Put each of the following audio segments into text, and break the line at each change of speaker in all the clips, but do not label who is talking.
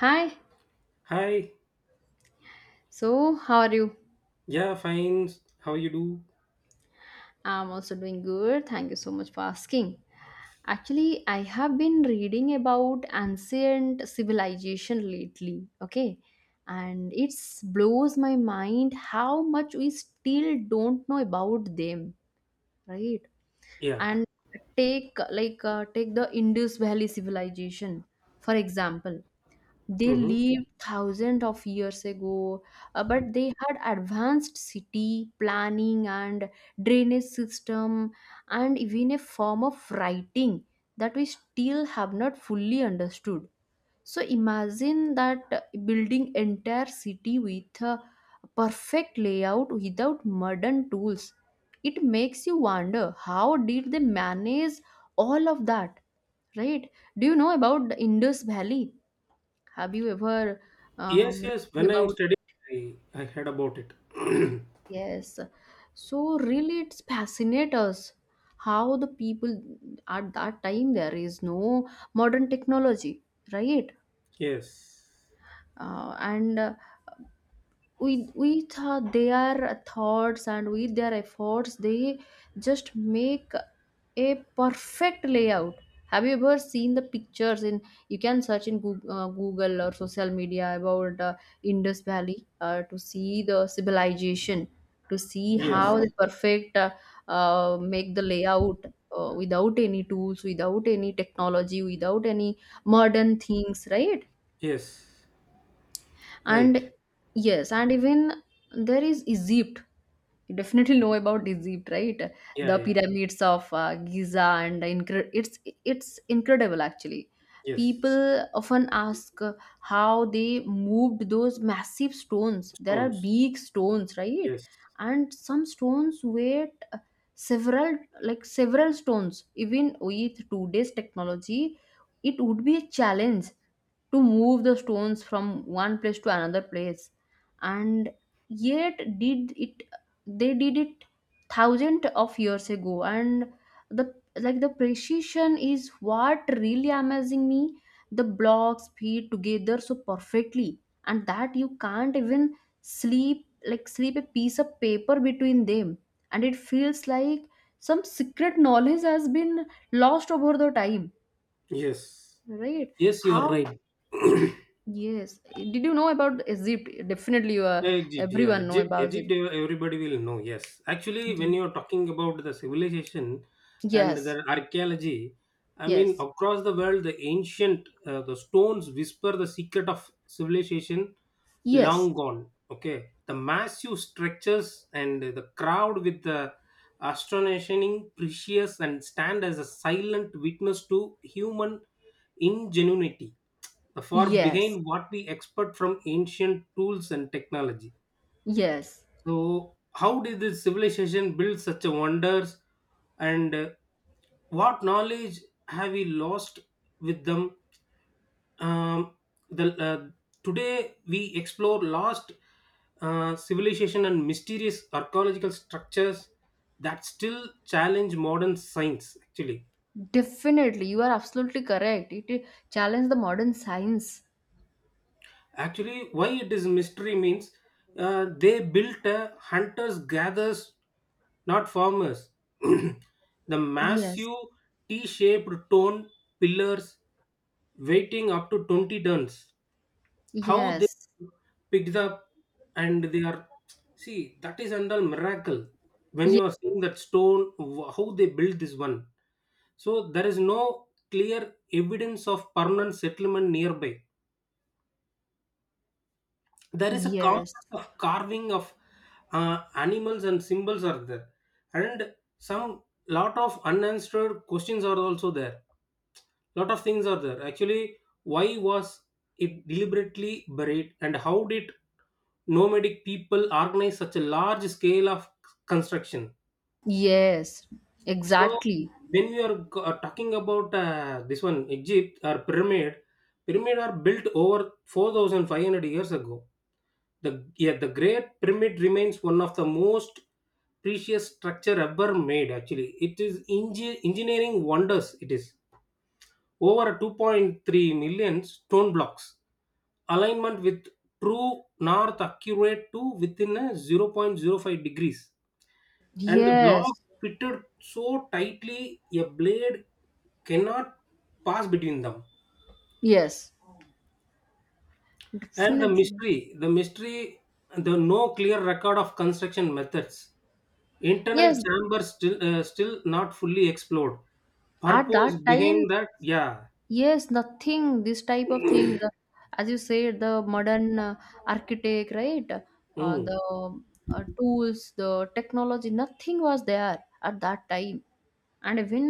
Hi,
Hi.
so how are you?
Yeah, fine. How you do?
I'm also doing good. Thank you so much for asking. Actually, I have been reading about ancient civilization lately, okay? And it blows my mind how much we still don't know about them, right?
Yeah.
And take take the Indus Valley civilization, for example. They
Mm-hmm.
lived thousands of years ago. But they had advanced city planning and drainage system, and even a form of writing that we still have not fully understood. So imagine that, building entire city with a perfect layout without modern tools. It makes you wonder, how did they manage all of that, right? Do you know about the Indus Valley? Have you ever
Yes,
um,
yes.
read
When I'm
about?
studying, I, I heard about it.
Yes. So really, it's fascinate us how the people at that time, there is no modern technology, right?
Yes.
And With their thoughts and with their efforts, they just make a perfect layout. Have you ever seen the pictures in, you can search in Google, Google or social media about, Indus Valley, to see the civilization, to see how they
Yes.
perfect, make the layout, without any tools, without any technology, without any modern things, right?
Yes. Right.
And yes, and even there is Egypt. You definitely know about Egypt, right?
Yeah,
The
yeah.
pyramids of Giza, and it's incredible, actually.
Yes.
People often ask, how they moved those massive stones. There are
Stones.
big stones, right?
Yes.
And some stones weighed, several stones. Even with today's technology, it would be a challenge to move the stones from one place to another place, and yet did it, they did it thousand of years ago. And the, like the precision is what really amazing me. The blocks fit together so perfectly, and that you can't even sleep a piece of paper between them. And it feels like some secret knowledge has been lost over the time,
Yes.
right?
Yes, you're
How?
right.
Yes, did you know about Egypt? Definitely you,
Egypt, yeah,
everyone know
Egypt,
about it.
Egypt, everybody will know, yes. Actually,
Yeah.
when you're talking about the civilization and
yes
the archaeology, I mean,
yes.
across the world, the stones whisper the secret of civilization
Yes,
long gone. Okay, the massive structures and the crowd with the astonishing, precious, and stand as a silent witness to human ingenuity, the far
yes,
behind what we expect from ancient tools and technology.
yes.
So, how did this civilization build such a wonders, and what knowledge have we lost with them? Um, the Today we explore lost civilization and mysterious archaeological structures that still challenge modern science. Actually,
Definitely, you are absolutely correct. It challenged the modern science.
actually, why it is mystery means they built a hunters gatherers not farmers. The
Yes,
massive T shaped stone pillars weighing up to 20 tons. How they
yes,
picked up and they are, see, that is under miracle. When
yes,
you are seeing that stone, how they built this one. So there is no clear evidence of permanent settlement nearby. There is a complex
yes,
of carving of animals and symbols are there, and some lot of unanswered questions are also there, lot of things are there actually. Why was it deliberately buried, and how did nomadic people organize such a large scale of construction?
yes.
So,
Exactly.
when we are talking about this one, Egypt or pyramid are built over 4,500 years ago. Yeah, the Great Pyramid remains one of the most precious structure ever made. Actually, it is engineering wonders. It is over 2.3 million stone blocks, alignment with true north accurate to within a zero point zero 0.05 degrees, and the
Yes,
block fitted so tightly a blade cannot pass between them.
yes,
And the
definitely.
mystery the mystery the no clear record of construction methods, internal
Yes,
chambers still not fully explored,
at
purpose
that time,
behind that. Yeah.
yes, nothing. This type of things, as you said, the modern architect, right? Uh,
Mm.
the uh, tools, the technology, nothing was there at that time. And even,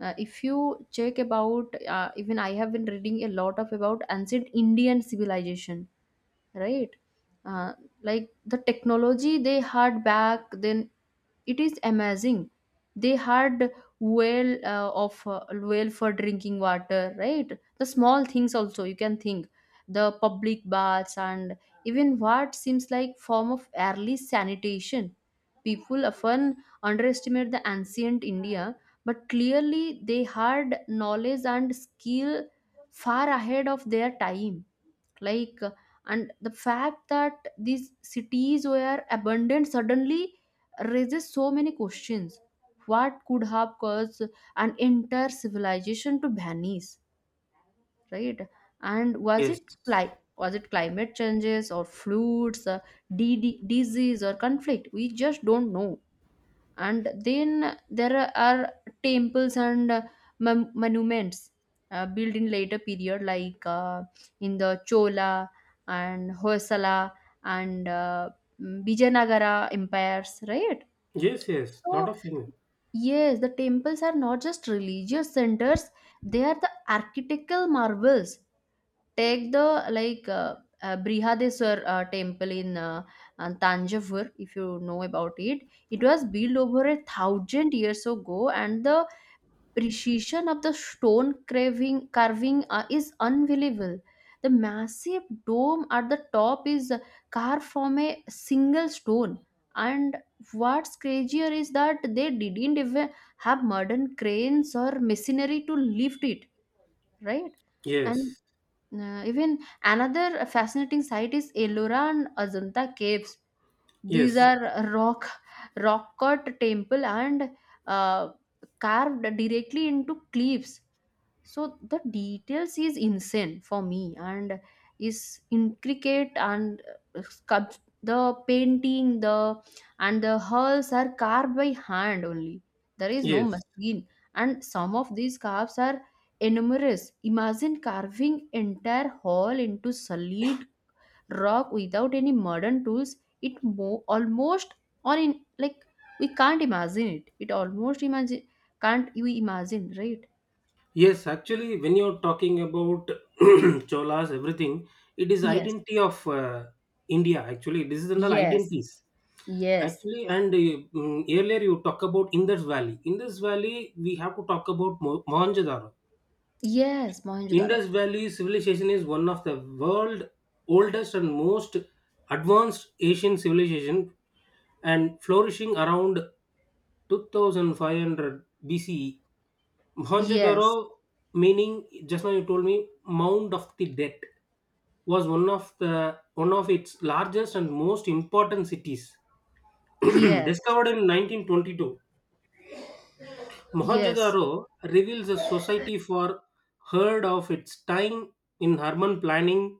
if you check about, even I have been reading a lot of about ancient Indian civilization, right? Uh, like the technology they had back then, it is amazing. They had well for drinking water, right? The small things also you can think, the public baths and even what seems like form of early sanitation. People often underestimate the ancient India, but clearly they had knowledge and skill far ahead of their time. Like uh, and the fact that these cities were abandoned suddenly raises so many questions. What could have caused an entire civilization to vanish, right? And
Yes,
was it climate changes or floods, disease or conflict, we just don't know. And then there are temples and, monuments built in later period, in the Chola and Hoysala and Vijayanagara empires, right?
yes, yes, lot
So
of things.
yes, the temples are not just religious centers, they are the architectural marvels. Take the Brihadeswar temple in Tanjavur, if you know about it. It was built over a thousand years ago, and the precision of the stone carving, is unbelievable. The massive dome at the top is carved from a single stone. And what's crazier is that they didn't even have modern cranes or machinery to lift it, right? and
Yes,
uh, even another fascinating site is Ellora and Ajanta caves. These
yes,
Mm. are rock cut temple, and uh, carved directly into cliffs. So the details is insane for me, and is intricate, and uh, sculpt- the painting, the, and the hulls are carved by hand only, there is no
yes.
machine. And some of these carves are enormous. Imagine carving entire hall into solid rock without any modern tools. Almost, or in like we can't imagine it. It almost imagine, can't you imagine, right?
Yes, actually, when you're talking about Cholas, everything, it is
Yes.
identity of India. Actually, this is in the
Yes,
identities.
yes,
Actually, earlier you talk about Indus Valley. Indus Valley, we have to talk about Mohenjo-daro.
yes, Mohenjo-daro.
Indus Valley civilization is one of the world oldest and most advanced Asian civilization, and flourishing around 2500 BCE. Mohenjo-daro,
Yes,
meaning just now you told me mound of the dead, was one of its largest and most important cities.
yes,
Discovered in 1922,
yes,
Mohenjo-daro reveals a society for heard of its time in urban planning,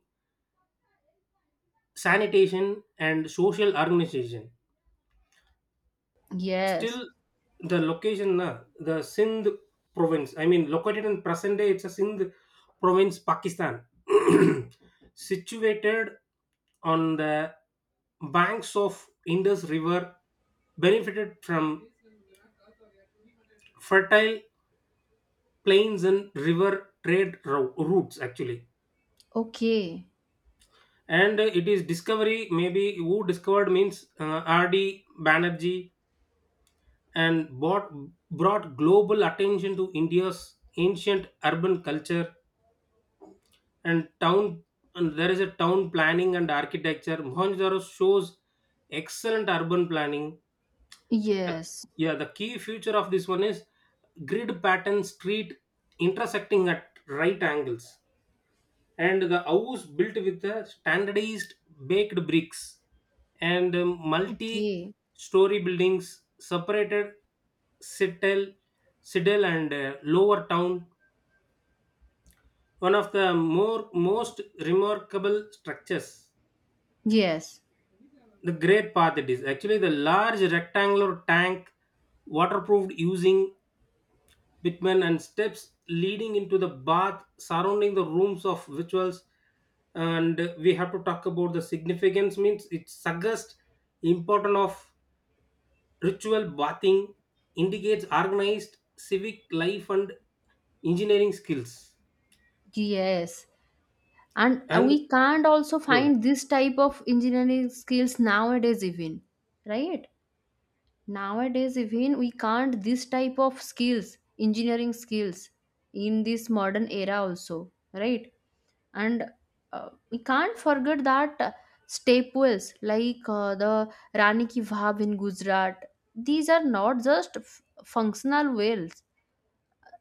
sanitation, and social organization. Still,
yes.
the location na, the Sindh province, I mean, located in present day, it's a Sindh province, Pakistan. Situated on the banks of Indus River, benefited from fertile plains and river trade routes, actually.
Okay,
And it is discovery maybe who discovered means R.D. Banerjee, and brought global attention to India's ancient urban culture and town. And there is a town planning and architecture. Mohenjo-daro shows excellent urban planning. The-
yes,
yeah, the key feature of this one is grid pattern street intersecting at right angles, and the house built with the standardized baked bricks, and multi
okay,
story buildings separated citadel, citadel, and Lower Town, one of the more most remarkable structures.
yes,
The great path, it is actually the large rectangular tank, waterproofed using Pitmen and steps leading into the bath, surrounding the rooms of rituals. And we have to talk about the significance means it suggests importance of ritual bathing, indicates organized civic life and engineering skills.
yes. And
And
we can't also
go ahead.
find this type of engineering skills nowadays, even, right? Nowadays, even we can't this type of skills, engineering skills, in this modern era also, right? And we can't forget that, staples like the Rani ki Vav in Gujarat. These are not just f- functional whales.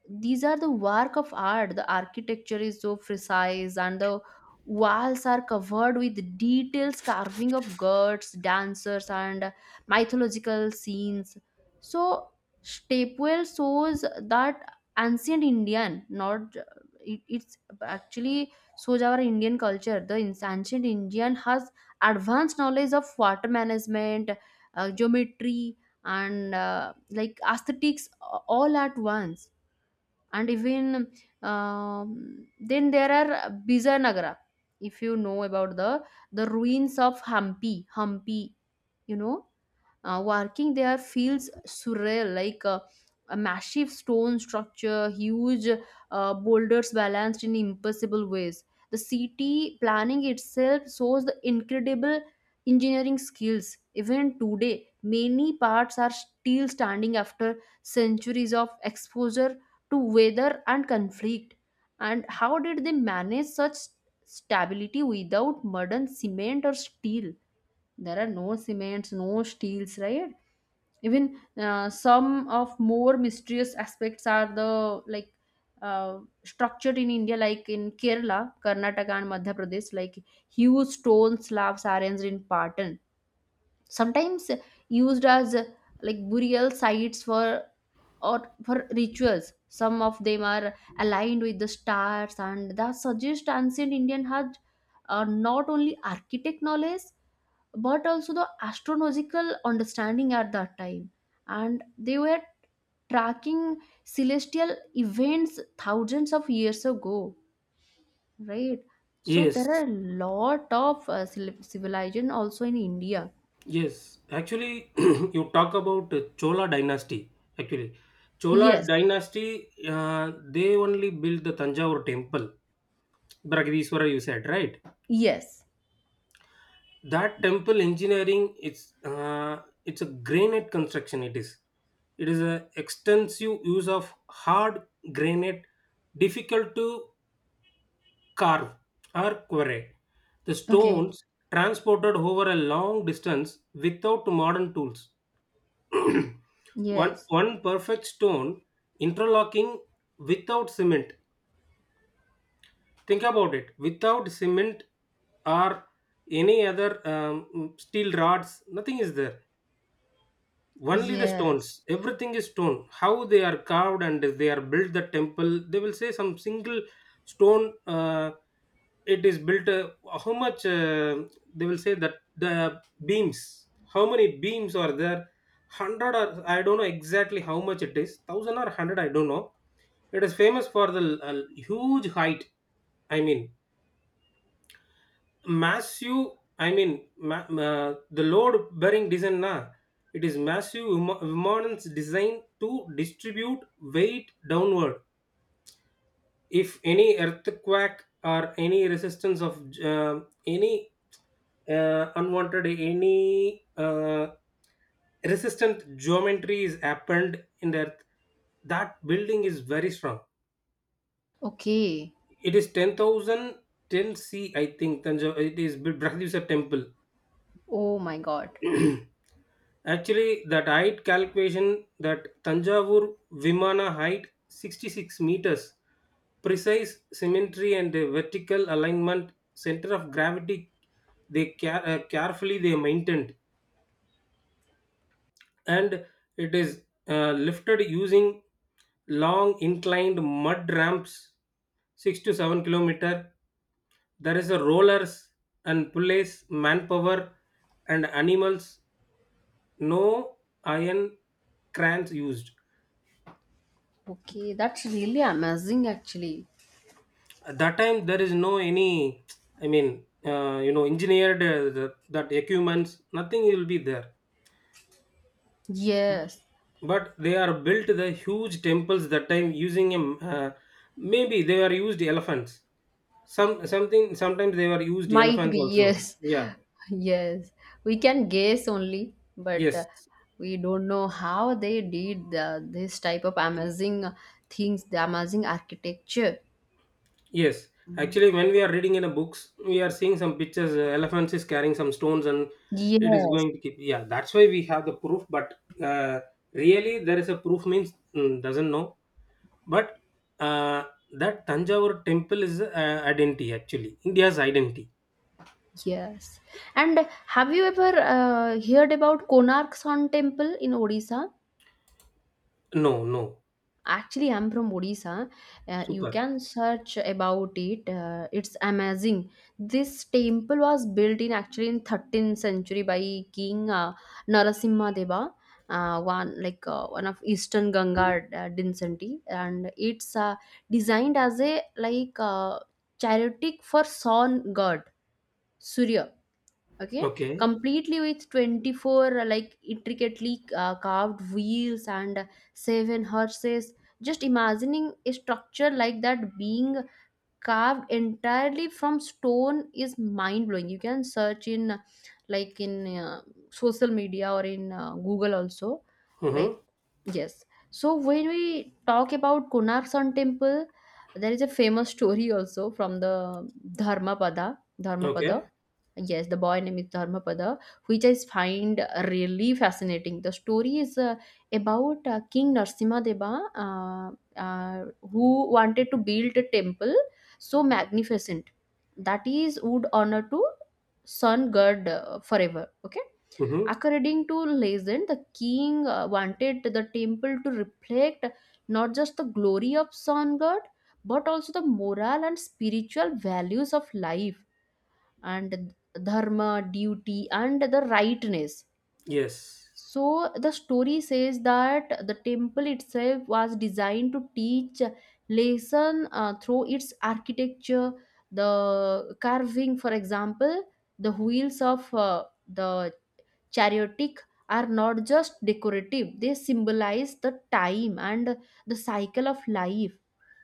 These are the work of art. The architecture is so precise, and the walls are covered with details carving of gods, dancers, and mythological scenes. So stepwell shows that ancient Indian, not it, it's actually shows our Indian culture. Ancient Indian has advanced knowledge of water management, geometry, and aesthetics, all at once. And even, then there are Bijanagara, if you know about the ruins of Hampi, you know. Working there feels surreal, a massive stone structure, huge boulders balanced in impossible ways. The city planning itself shows the incredible engineering skills. Even today, many parts are still standing after centuries of exposure to weather and conflict. And how did they manage such stability without modern cement or steel? There are no cements, no steels, right? Even some of more mysterious aspects are the, structured in India, like in Kerala, Karnataka, and Madhya Pradesh, like huge stone slabs arranged in pattern, sometimes used as, burial sites for, or for rituals. Some of them are aligned with the stars, and that suggest ancient Indian had, not only architect knowledge, but also the astronomical understanding at that time. And they were tracking celestial events thousands of years ago, right? So there
Yes,
are a lot of, civilization also in India.
yes. Actually, you talk about Chola dynasty. Actually, Chola
Yes,
dynasty, they only built the Tanjavur temple, Bragadishwara. You said right.
yes.
That temple engineering, it's a granite construction. It is a extensive use of hard granite, difficult to carve or quarry the
Okay.
stones, transported over a long distance without modern tools. one
Yes,
one perfect stone interlocking without cement. Think about it, without cement or any other steel rods, nothing is there, only the stones.
yes,
Everything is stone. How they are carved and they are built the temple, they will say some single stone it is built, how much, they will say that the beams, how many beams are there, 100 or I don't know exactly, how much it is, 1000 or 100, I don't know. It is famous for the huge height, I mean massive, I mean the load bearing design na. It is massive Vimanam's designed to distribute weight downward. If any earthquake or any resistance of uh, any unwanted any resistant geometry is happened in the earth, that building is very strong.
okay.
It is 10,010 c, I think Thanjavur, it is temple.
Oh my god.
Actually, that height calculation, that Tanjavur Vimana height 66 meters, precise symmetry and vertical alignment, center of gravity, they carefully they maintained, and it is lifted using long inclined mud ramps, 6 to 7 kilometer. There is a rollers and pulleys, manpower, and animals, no iron crans used.
Okay, that's really amazing, actually.
At that time there is no any, I mean, engineered, that equipments, nothing will be there,
Yes.
but they are built the huge temples that time using maybe they were used elephants. Sometimes they were used
Might
elephants
be,
also,
yes.
yeah.
Yes. We can guess only, but,
Yes.
we don't know how they did the, this type of amazing things, the amazing architecture.
Yes,
And
actually, when we are reading in a books, we are seeing some pictures. Elephants is carrying some stones, and it is
yes,
going to keep. Yeah, that's why we have the proof. But uh, really, there is a proof means, doesn't know. But uh, that Tanjavur temple is identity, actually India's identity.
yes. And have you ever heard about Konark Sun Temple in Odisha?
No, no,
Actually, I'm from Odisha. You
super.
can search about it. It's amazing. This temple was built in actually in 13th century by King Narasimha Deva, one of Eastern Ganga dynasty, and it's designed as a chariot for sun god Surya, okay,
Okay.
completely with 24 intricately carved wheels and seven horses. Just imagining a structure like that being carved entirely from stone is mind blowing. You can search in, like in uh, social media, or in Google also, like.
Mm-hmm.
Yes. So when we talk about Konark Sun Temple, there is a famous story also from the dharmapada
Okay.
dharmapada. Yes, the boy name is Dharmapada, which I find really fascinating. The story is, about king Narasimha Deva, uh, uh, who wanted to build a temple so magnificent that is would honor to sun god forever, okay.
Mm-hmm.
According to legend, the king wanted the temple to reflect not just the glory of sun god, but also the moral and spiritual values of life, and dharma, duty, and the rightness.
Yes.
So the story says that the temple itself was designed to teach lesson, through its architecture. The carving, for example, the wheels of the Chariotic are not just decorative, they symbolize the time and the cycle of life.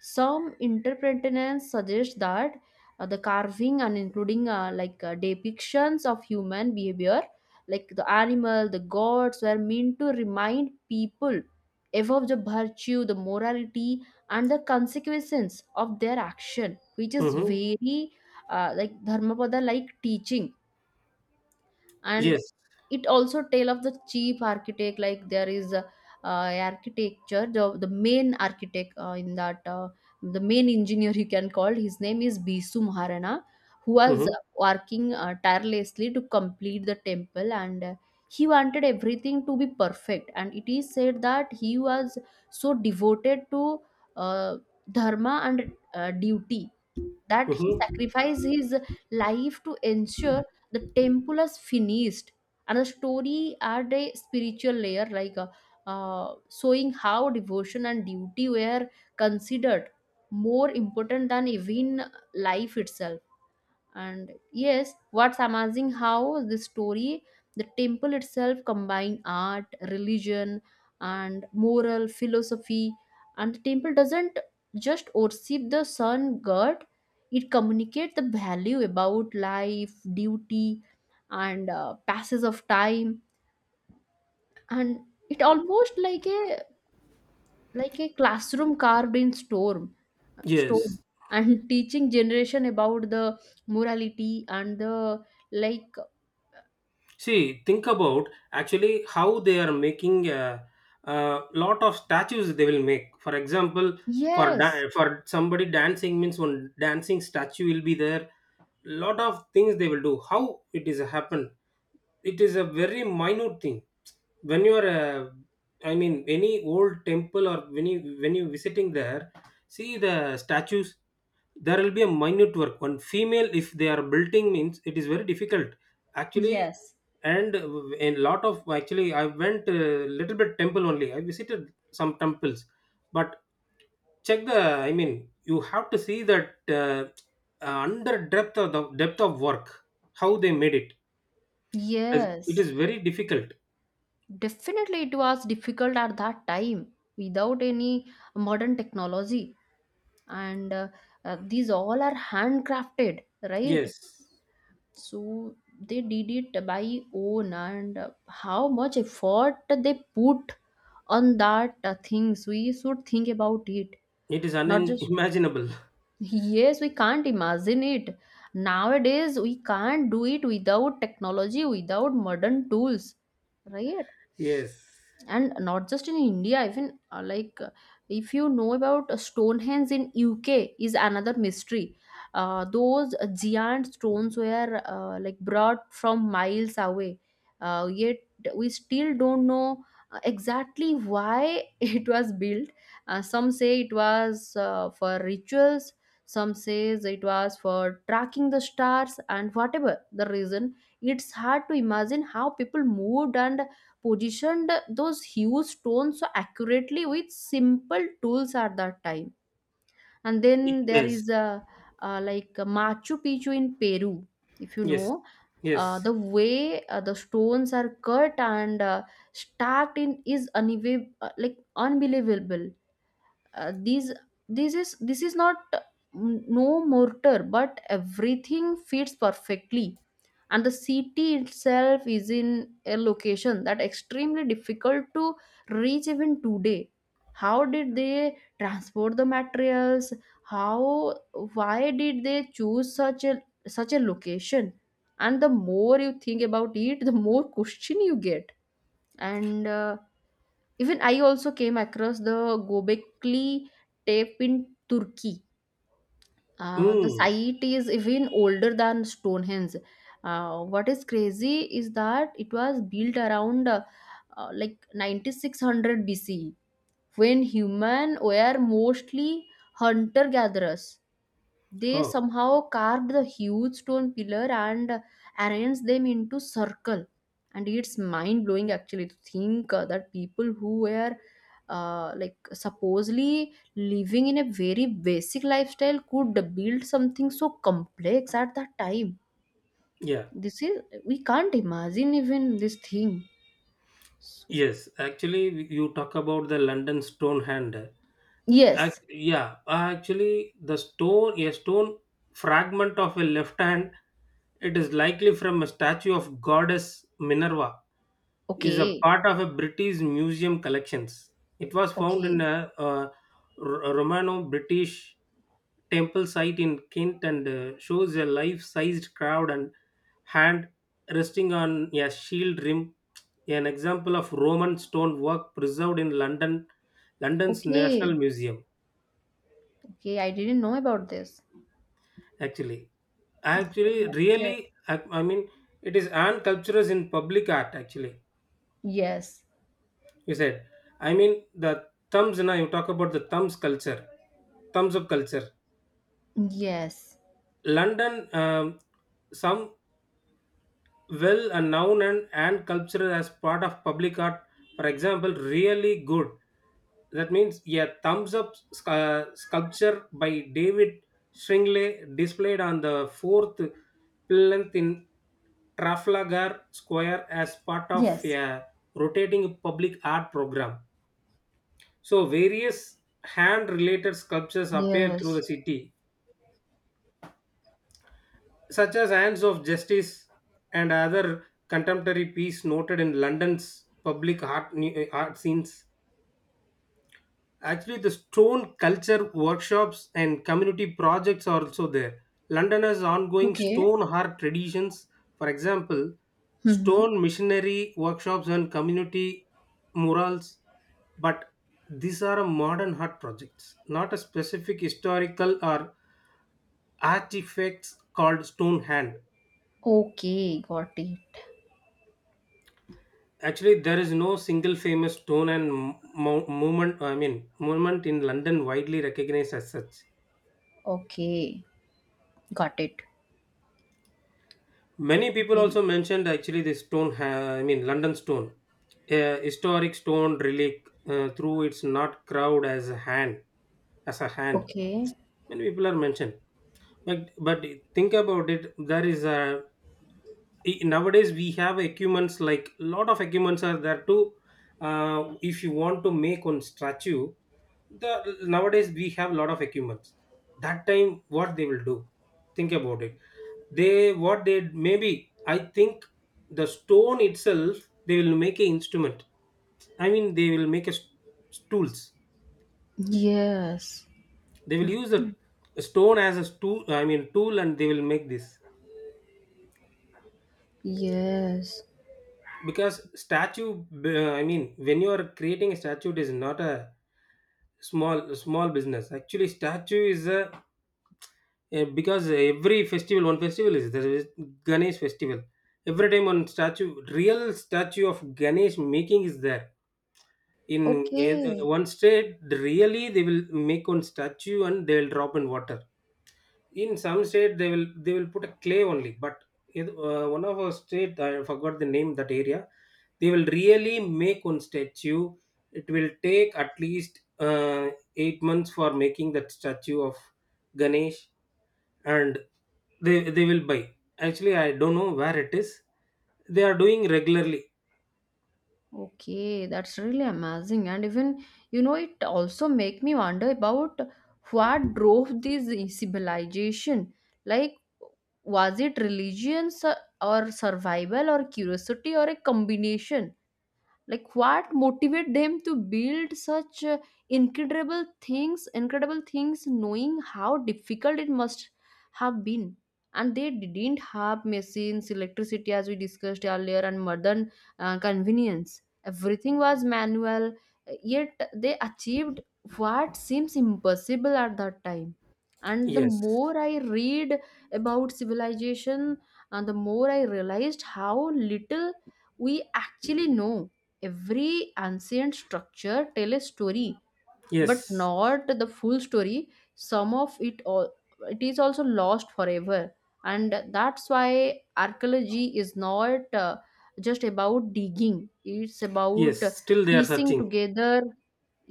Some interpreters suggest that, the carving and including, depictions of human behavior, like the animal, the gods, were meant to remind people about the virtue, the morality, and the consequences of their action, which is
Mm-hmm.
very Dharmapada like teaching. And
Yes.
it also tell of the chief architect, like there is a, architecture the main architect in that the main engineer, you can call, his name is Bisu Maharana, who was
Mm-hmm.
working tirelessly to complete the temple. And he wanted everything to be perfect, and it is said that he was so devoted to, uh, dharma and duty, that he
Mm-hmm.
sacrificed his life to ensure the temple is finished. And the story add a spiritual layer, showing how devotion and duty were considered more important than even life itself. And yes, what's amazing, how the story, the temple itself combine art, religion, and moral philosophy. And the temple doesn't just worship the sun god, it communicates the value about life, duty, and passes of time. And it almost like a, like a classroom carved in storm stone,
Yes.
and teaching generation about the morality and the, like.
See, think about actually how they are making a lot of statues they will make. For example,
Yes.
for somebody dancing means one dancing statue will be there. Lot of things they will do. How it is happen? It is a very minute thing when you are I mean any old temple, or when you visiting there, see the statues. There will be a minute work, one female if they are building means it is very difficult actually.
Yes.
And a lot of actually I went a little bit temple only, I visited some temples, but check the, I mean, you have to see that under depth of the depth of work, how they made it. it is it
Yes.
is very difficult,
Definitely, it was difficult at that time without any modern technology, and these all are handcrafted,
yes.
right? So they did it by own, and how much effort they put on that things. We should think about it,
It is
not just.
unimaginable.
Yes, we can't imagine it. Nowadays, we can't do it without technology, without modern tools, right?
Yes.
And not just in india even like if you know about stonehenge in uk is another mystery. Those giant stones were brought from miles away, yet we still don't know exactly why it was built. Some say it was for rituals, some says it was for tracking the stars, and whatever the reason, it's hard to imagine how people moved and positioned those huge stones so accurately with simple tools at that time. And then there
Yes.
is a, uh, like a Machu Picchu in Peru, if you
Yes.
know.
Yes.
The way the stones are cut and stacked in is unbelievable. These this is This is not, no mortar, but everything fits perfectly. And the city itself is in a location that extremely difficult to reach even today. How did they transport the materials? How? Why did they choose such a such a location? And the more you think about it, the more question you get. And Even I also came across the gobekli tape in turkey. The
Mm.
site is even older than Stonehenge. What is crazy is that it was built around 9600 BC, when human were mostly hunter gatherers. They
Oh,
somehow carved the huge stone pillar and arranged them into circle. And it's mind blowing actually to think that people who were supposedly living in a very basic lifestyle could build something so complex at that time.
yeah.
This is we can't imagine even this thing. So,
Yes. Actually, you talk about the London Stonehenge.
yes.
Yeah, actually, a stone fragment of a left hand, it is likely from a statue of goddess Minerva, is a
Okay.
part of a British museum collections. It was found in
Okay.
a Romano-British temple site in Kent, and shows a life-sized crowd and hand resting on a shield rim, an example of Roman stone work preserved in London, London's National
Okay.
Museum.
Okay. I didn't know about this.
Actually,
Yeah,
actually,
that's great.
really, I mean, it is an cultures in public art. Actually,
Yes.
you said. I mean, the thumbs. Now you talk about the thumbs culture, thumbs up culture.
Yes.
London, some well a noun and, culture as part of public art, for example really good, that means a thumbs up sculpture by David Shringley, displayed on the fourth plinth in Trafalgar Square, as part of
Yes.
a rotating public art program, so various hand related sculptures appear through the
Yes.
city, such as Hands of Justice, and other contemporary pieces noted in London's public art, art scenes. Actually, the stone culture workshops and community projects are also there. London has ongoing
Okay.
stone art traditions, for example,
Mm-hmm.
stone missionary workshops and community murals, but these are a modern art projects, not a specific historical or artifacts called stone hand.
Okay, got it.
Actually, there is no single famous stone and movement. I mean, monument in London widely recognized as such.
Okay. Got it.
Many people
Okay.
also mentioned actually this stone. I mean, London stone, a historic stone relic. Through it's not crowd as a hand, as a hand.
Okay.
Many people are mentioned, but think about it. There is nowadays we have equipments, like a lot of equipments are there to, if you want to make one statue, the nowadays we have a lot of equipments, that time what they will do, think about it, they what they maybe I think the stone itself, they will make an instrument, I mean they will make a tools,
Yes.
they will use the stone as a tool, I mean tool, and they will make this,
Yes.
because statue, I mean when you are creating a statue, it is not a small small business actually. Statue is because every festival, one festival is there, is Ganesh festival. Every time one statue, real statue of Ganesh making is there in
Okay.
one state, really they will make one statue, and they will drop in water. In some state, they will put a clay only. But one of our state, I forgot the name that area. They will really make one statue. It will take at least 8 months for making that statue of Ganesh, and they will buy. Actually, I don't know where it is. They are doing regularly.
Okay. That's really amazing. And even, you know, it also make me wonder about what drove this civilization. Like, was it religions or survival or curiosity or a combination? Like what motivate them to build such incredible things, knowing how difficult it must have been. And they didn't have machines, electricity, as we discussed earlier, and modern convenience. Everything was manual, yet they achieved what seems impossible at that time. And the
Yes,
more I read about civilization, and the more I realized how little we actually know. Every ancient structure tell a story, but
yes,
not the full story. Some of it all, it is also lost forever. And that's why archaeology is not just about digging. It's
yes.
about
Still, they are
piecing
searching.
together.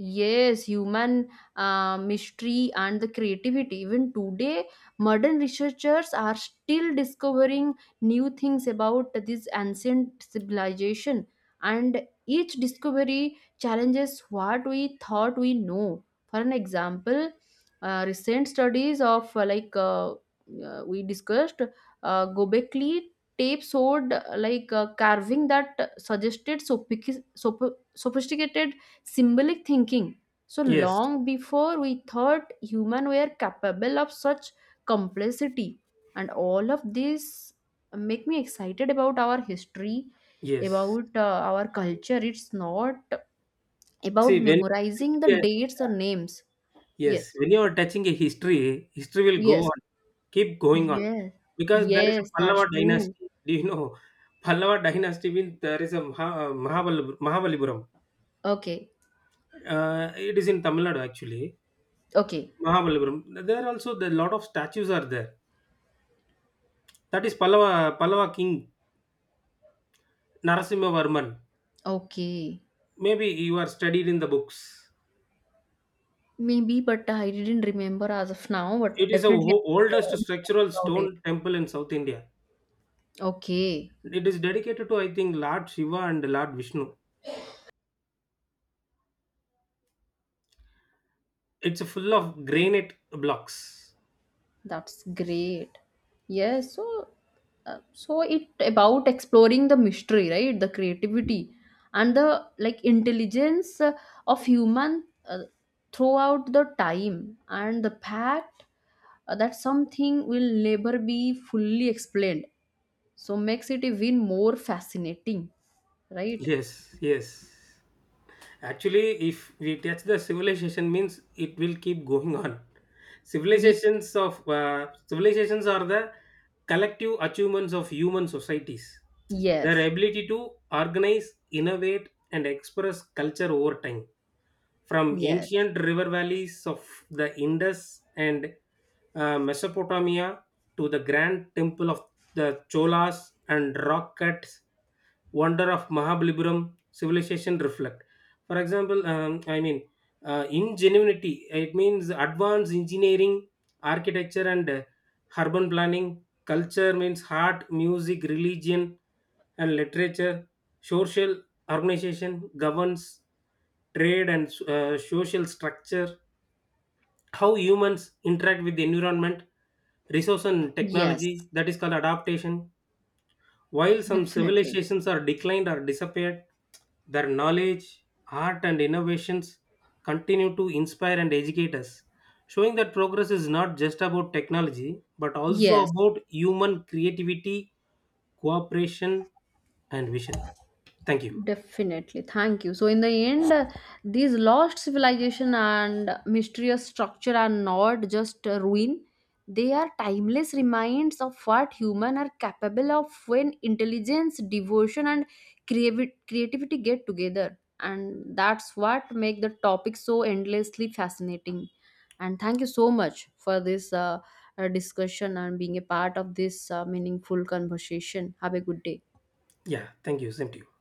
Yes, human mystery and the creativity. Even today, modern researchers are still discovering new things about this ancient civilization, and each discovery challenges what we thought we know. For an example, recent studies of we discussed Gobekli tape showed carving that suggested sophisticated symbolic thinking. So
Yes,
long before we thought human were capable of such complexity, and all of this make me excited about our history,
yes.
about our culture. It's not about
See, when
memorizing the dates or names.
yes,
Yes,
when you are touching a history, history will go
yes,
on, keep going on,
yes,
because there is a
yes.
Pallava
That's true.
dynasty. Do you know? Pallava dynasty means there is a Mahabalipuram.
Okay,
It is in Tamil Nadu actually.
okay,
Mahabalipuram. There also the lot of statues are there. That is Pallava king Narasimha Varman.
okay.
Maybe you are studied in the books.
Maybe, but I didn't remember as of now. But
It is the
definitely I
oldest
will
structural
about it.
stone temple in South India.
Okay.
It is dedicated to I think Lord Shiva and Lord Vishnu. It's full of granite blocks.
That's great. Yes, so so it about exploring the mystery, right? The creativity and the like intelligence of human throughout the time, and the fact that something will never be fully explained. So makes it even more fascinating, right?
Yes, yes. Actually, if we touch the civilization, means it will keep going on.
Ye-
Civilizations are the collective achievements of human societies. Their
yes.
ability to organize, innovate, and express culture over time. From
Yes.
ancient river valleys of the Indus and Mesopotamia to the grand temple of the Cholas and rock cut wonder of Mahabalipuram civilization reflect. For example, I mean, ingenuity, it means advanced engineering, architecture, and urban planning. Culture means art, music, religion, and literature. Social organization governs trade and social structure, how humans interact with the environment resource and
Yes.
technology, that is called adaptation. While some
Definitely.
civilizations are declined or disappeared, their knowledge, art and innovations continue to inspire and educate us, showing that progress is not just about technology but also
Yes.
about human creativity, cooperation and vision. Thank you.
Definitely. Thank you. So, in the end, these lost civilization and mysterious structure are not just a ruin. They are timeless reminders of what human are capable of when intelligence, devotion, and creativity get together. And that's what make the topic so endlessly fascinating. And thank you so much for this discussion and being a part of this meaningful conversation. Have a good day.
Yeah, thank you same to you.